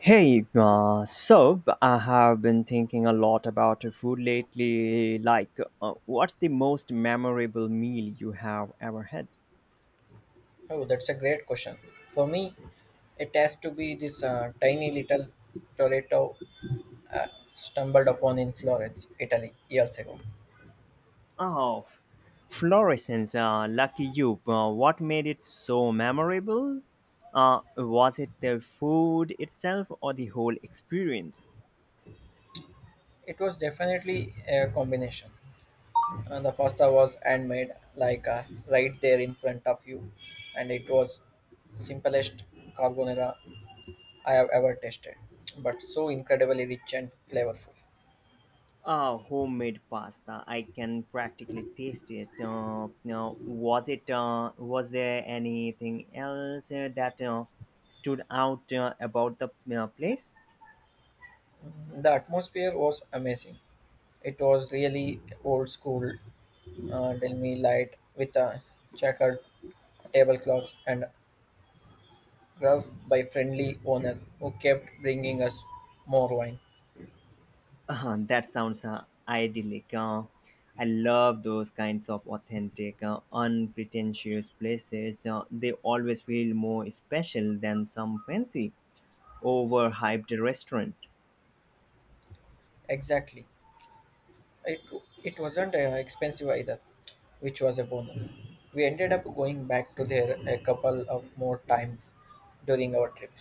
Hey, so I have been thinking a lot about food lately. Like, what's the most memorable meal you have ever had? Oh, that's a great question. For me, it has to be this tiny little Toretto uh, stumbled upon in Florence, Italy, years ago. Oh, Florissants, lucky you. What made it so memorable? Was it the food itself or the whole experience? It was definitely a combination. The pasta was handmade, like right there in front of you, and it was simplest carbonara I have ever tasted, but so incredibly rich and flavorful. Homemade pasta. I can practically taste it. Now, was it? Was there anything else that stood out about the place? The atmosphere was amazing. It was really old school Delmi light with a checkered tablecloth and rough by friendly owner who kept bringing us more wine. That sounds idyllic. I love those kinds of authentic, unpretentious places. They always feel more special than some fancy, overhyped restaurant. Exactly. It, it wasn't expensive either, which was a bonus. We ended up going back to there a couple of more times during our trip.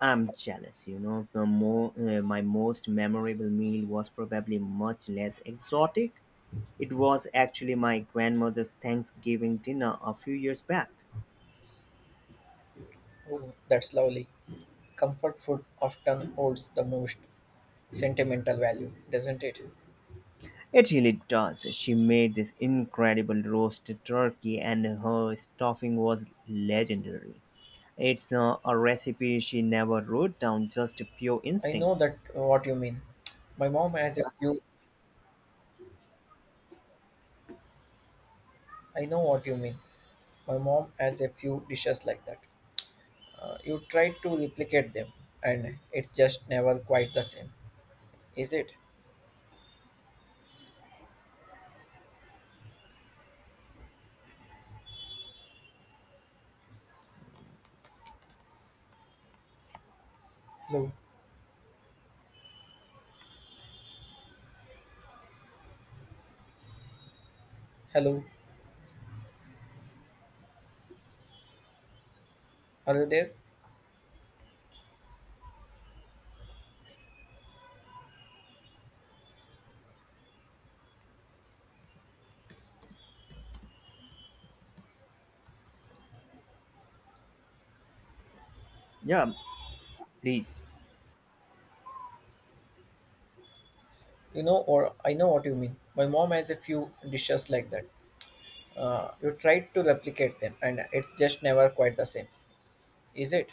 I'm jealous, My most memorable meal was probably much less exotic. It was actually my grandmother's Thanksgiving dinner a few years back. Oh, that's lovely. Comfort food often holds the most sentimental value, doesn't it? It really does. She made this incredible roasted turkey, and her stuffing was legendary. It's a recipe she never wrote down, just a pure I know instinct. that what you mean. My mom has a few. I know what you mean. My mom has a few dishes like that. You try to replicate them, and it's just never quite the same, is it? Hello, hello, are you there? Yeah, please. You know, or I know what you mean. My mom has a few dishes like that. You try to replicate them, and it's just never quite the same, is it?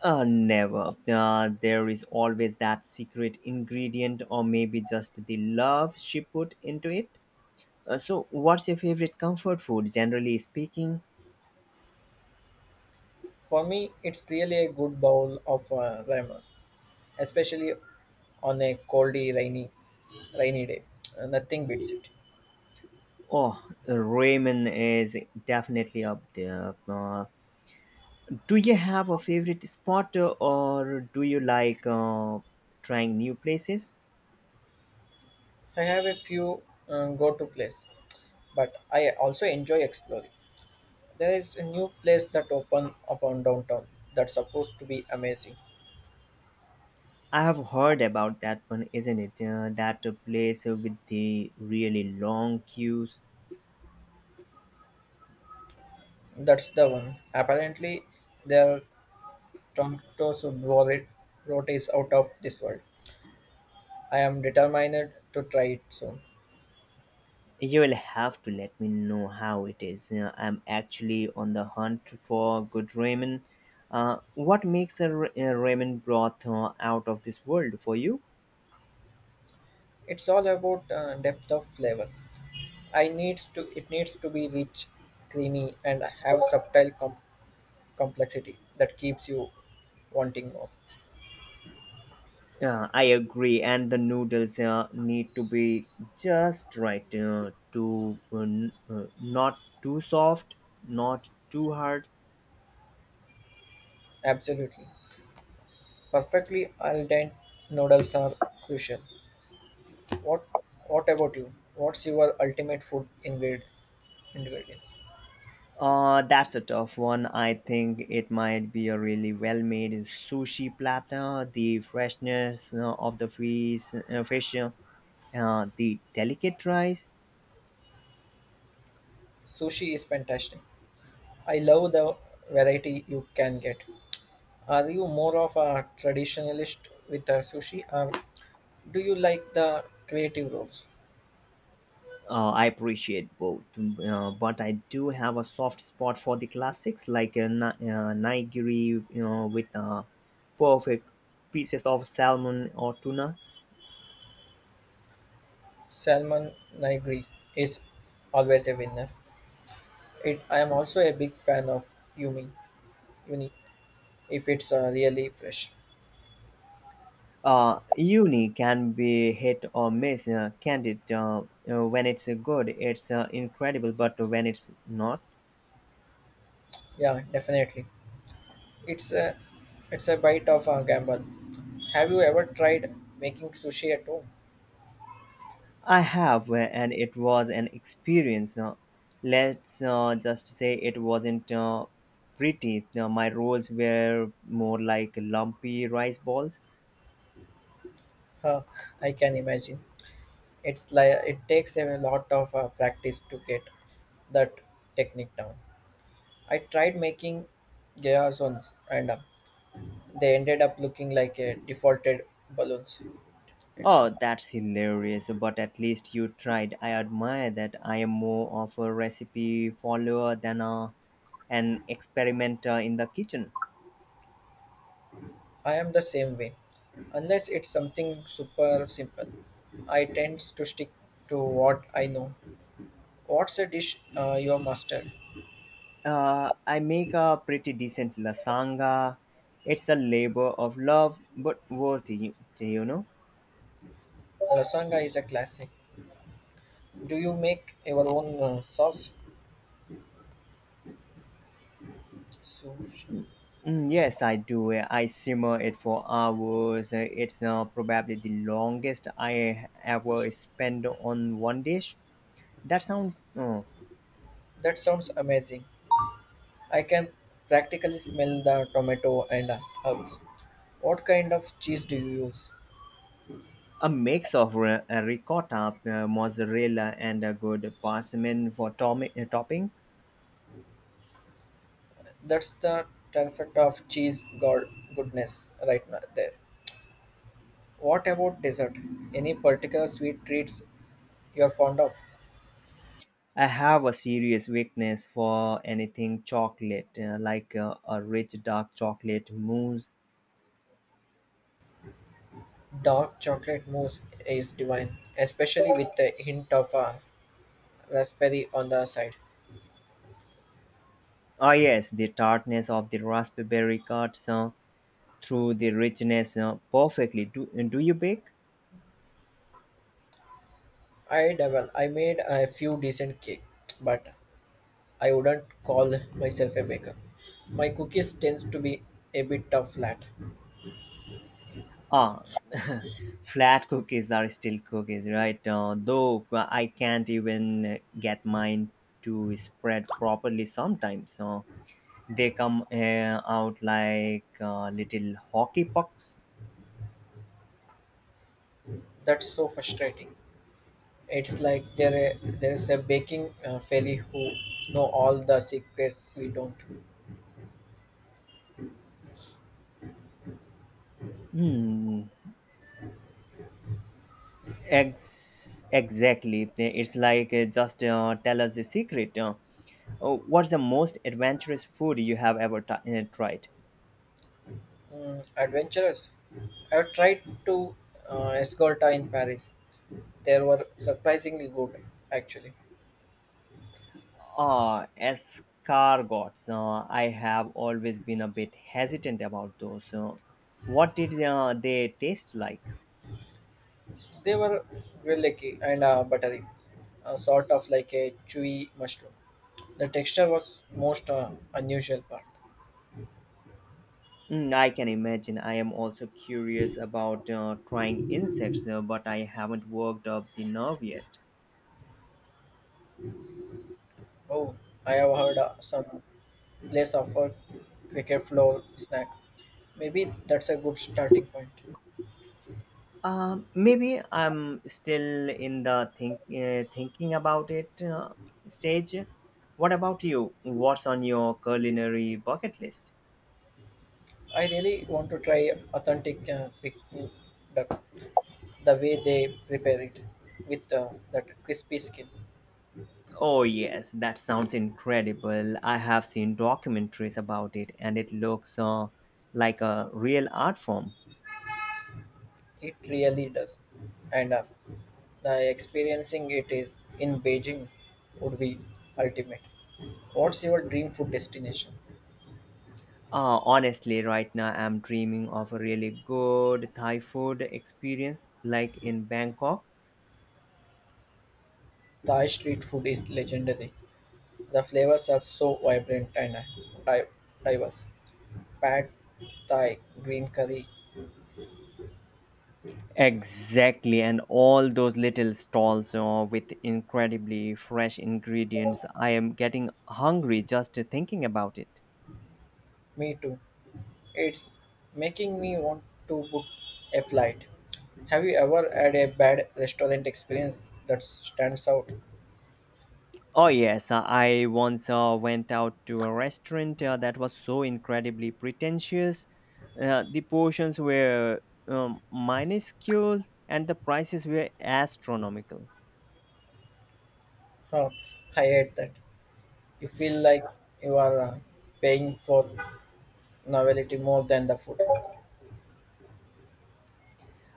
Never. There is always that secret ingredient, or maybe just the love she put into it. So, what's your favorite comfort food, generally speaking? For me, it's really a good bowl of ramen, especially on a coldy, rainy day. Nothing beats it. Oh, ramen is definitely up there. Do you have a favorite spot, or do you like trying new places? I have a few go to place, but I also enjoy exploring. There is a new place that opened upon downtown that's supposed to be amazing. I have heard about that one, isn't it? That place with the really long queues. That's the one. Apparently, their Toronto's wallet road is out of this world. I am determined to try it soon. You will have to let me know how it is. I'm actually on the hunt for good ramen. What makes a ramen broth out of this world for you? It's all about depth of flavor. I needs to it needs to be rich, creamy, and have subtle complexity that keeps you wanting more. I agree, and the noodles need to be just right, not too soft, not too hard. Absolutely. Perfectly al dente noodles are crucial. What What about you? What's your ultimate food ingredients? That's a tough one. I think it might be a really well made sushi platter. The freshness of the fish, fish the delicate rice. Sushi is fantastic. I love the variety you can get. Are you more of a traditionalist with a sushi, or do you like the creative rolls? I appreciate both, but I do have a soft spot for the classics like a ni- nigiri, you know, with perfect pieces of salmon or tuna. Salmon nigiri is always a winner. It, I am also a big fan of uni, if it's really fresh. Uni can be hit or miss. Candid, when it's good, it's incredible, but when it's not. Yeah, definitely. It's a it's a bite of a gamble. Have you ever tried making sushi at home? I have, and it was an experience. Let's just say it wasn't pretty. My rolls were more like lumpy rice balls. Huh, I can imagine. It's like it takes a lot of practice to get that technique down. I tried making gyros once, and they ended up looking like a defaulted balloons. Oh, that's hilarious, but at least you tried. I admire that. I am more of a recipe follower than an experimenter in the kitchen. I am the same way. Unless it's something super simple, I tend to stick to what I know. What's a dish you are mastered? I make a pretty decent lasagna. It's a labor of love, but worthy, Lasanga is a classic. Do you make your own sauce? Sushi. Mm, yes, I do. I simmer it for hours. It's probably the longest I ever spend on one dish. That sounds That sounds amazing. I can practically smell the tomato and herbs. What kind of cheese do you use? a mix of ricotta, mozzarella, and a good parmesan for topping. That's the perfect of cheese god goodness right now there. What about dessert? Any particular sweet treats you're fond of? I have a serious weakness for anything chocolate, like a rich dark chocolate mousse. Dark chocolate mousse is divine, especially with a hint of raspberry on the side. Ah, yes, the tartness of the raspberry cuts through the richness perfectly. Do you bake? I dabble. I made a few decent cake, but I wouldn't call myself a baker. My cookies tends to be a bit of flat. Ah, flat cookies are still cookies, right? Though I can't even get mine to spread properly sometimes. They come out like little hockey pucks. That's so frustrating. It's like there's a baking fairy who know all the secret we don't. Hmm. Exactly. It's like just tell us the secret. Oh, what's the most adventurous food you have ever tried? Mm, adventurous. I've tried to Escolta in Paris. They were surprisingly good, actually. Escargots. I have always been a bit hesitant about those. What did they taste like? They were really and buttery, sort of like a chewy mushroom. The texture was most unusual part. Mm, I can imagine. I am also curious about trying insects, but I haven't worked up the nerve yet. Oh, I have heard some place offer cricket floor snack. Maybe that's a good starting point. Maybe I'm still in the thinking about it stage. What about you? What's on your culinary bucket list? I really want to try authentic pig duck, the way they prepare it with that crispy skin. Oh, yes, that sounds incredible. I have seen documentaries about it and it looks like a real art form. It really does. And the experiencing it is in Beijing would be ultimate. What's your dream food destination? Honestly, right now I'm dreaming of a really good Thai food experience like in Bangkok. Thai street food is legendary. The flavors are so vibrant and di- diverse. Pad Thai, green curry, Exactly, and all those little stalls with incredibly fresh ingredients. I am getting hungry just thinking about it. me too. It's making me want to book a flight. Have you ever had a bad restaurant experience that stands out? Oh, yes, I once went out to a restaurant that was so incredibly pretentious. The portions were minuscule and the prices were astronomical. Huh, I hate that. You feel like you are paying for novelty more than the food.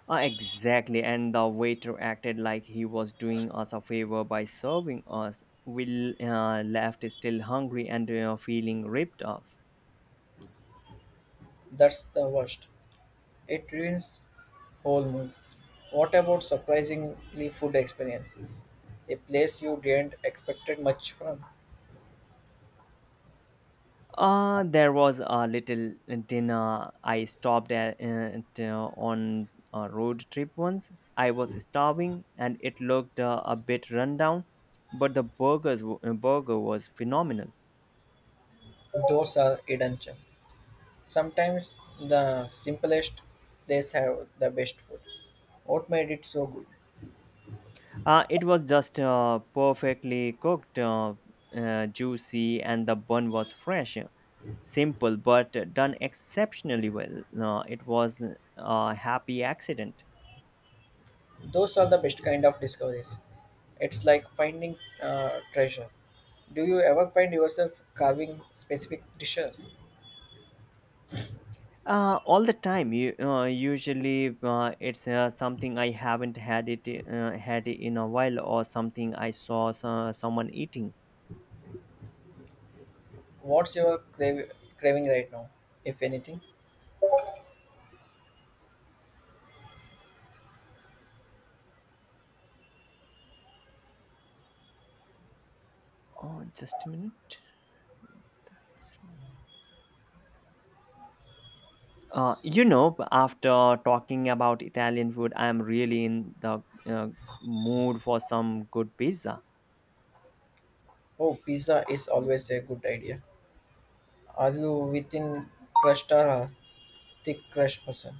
Exactly, and the waiter acted like he was doing us a favor by serving us. We left still hungry and feeling ripped off. That's the worst. It ruins whole mood. What about surprisingly food experience? A place you didn't expect much from. There was a little dinner I stopped at, on a road trip once. I was starving and it looked a bit rundown, but the burger was phenomenal. Those are redemption. Sometimes the simplest places have the best food. What made it so good? It was just perfectly cooked, juicy, and the bun was fresh. Simple, but done exceptionally well. It was a happy accident. Those are the best kind of discoveries. It's like finding treasure. Do you ever find yourself carving specific dishes? All the time. You usually it's something I haven't had it in a while, or something I saw someone eating. What's your craving right now, if anything? Oh, just a minute. What the hell is wrong? After talking about Italian food, I am really in the mood for some good pizza. Oh, pizza is always a good idea. Are you within crust or a thick crust person?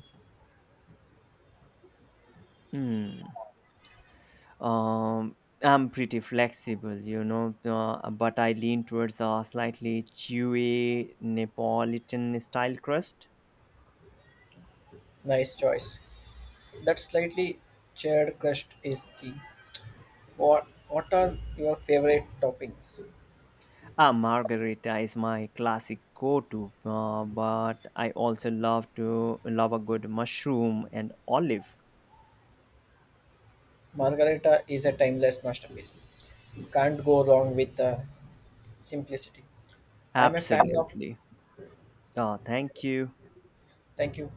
Hmm. Um, I'm pretty flexible, you know, but I lean towards a slightly chewy Neapolitan style crust. Nice choice. That slightly charred crust is key. What are your favorite toppings? A margarita is my classic go-to, but I also love a good mushroom and olive. Margarita is a timeless masterpiece. Can't go wrong with the simplicity. I'm a fan of. Absolutely. Thank you. Thank you.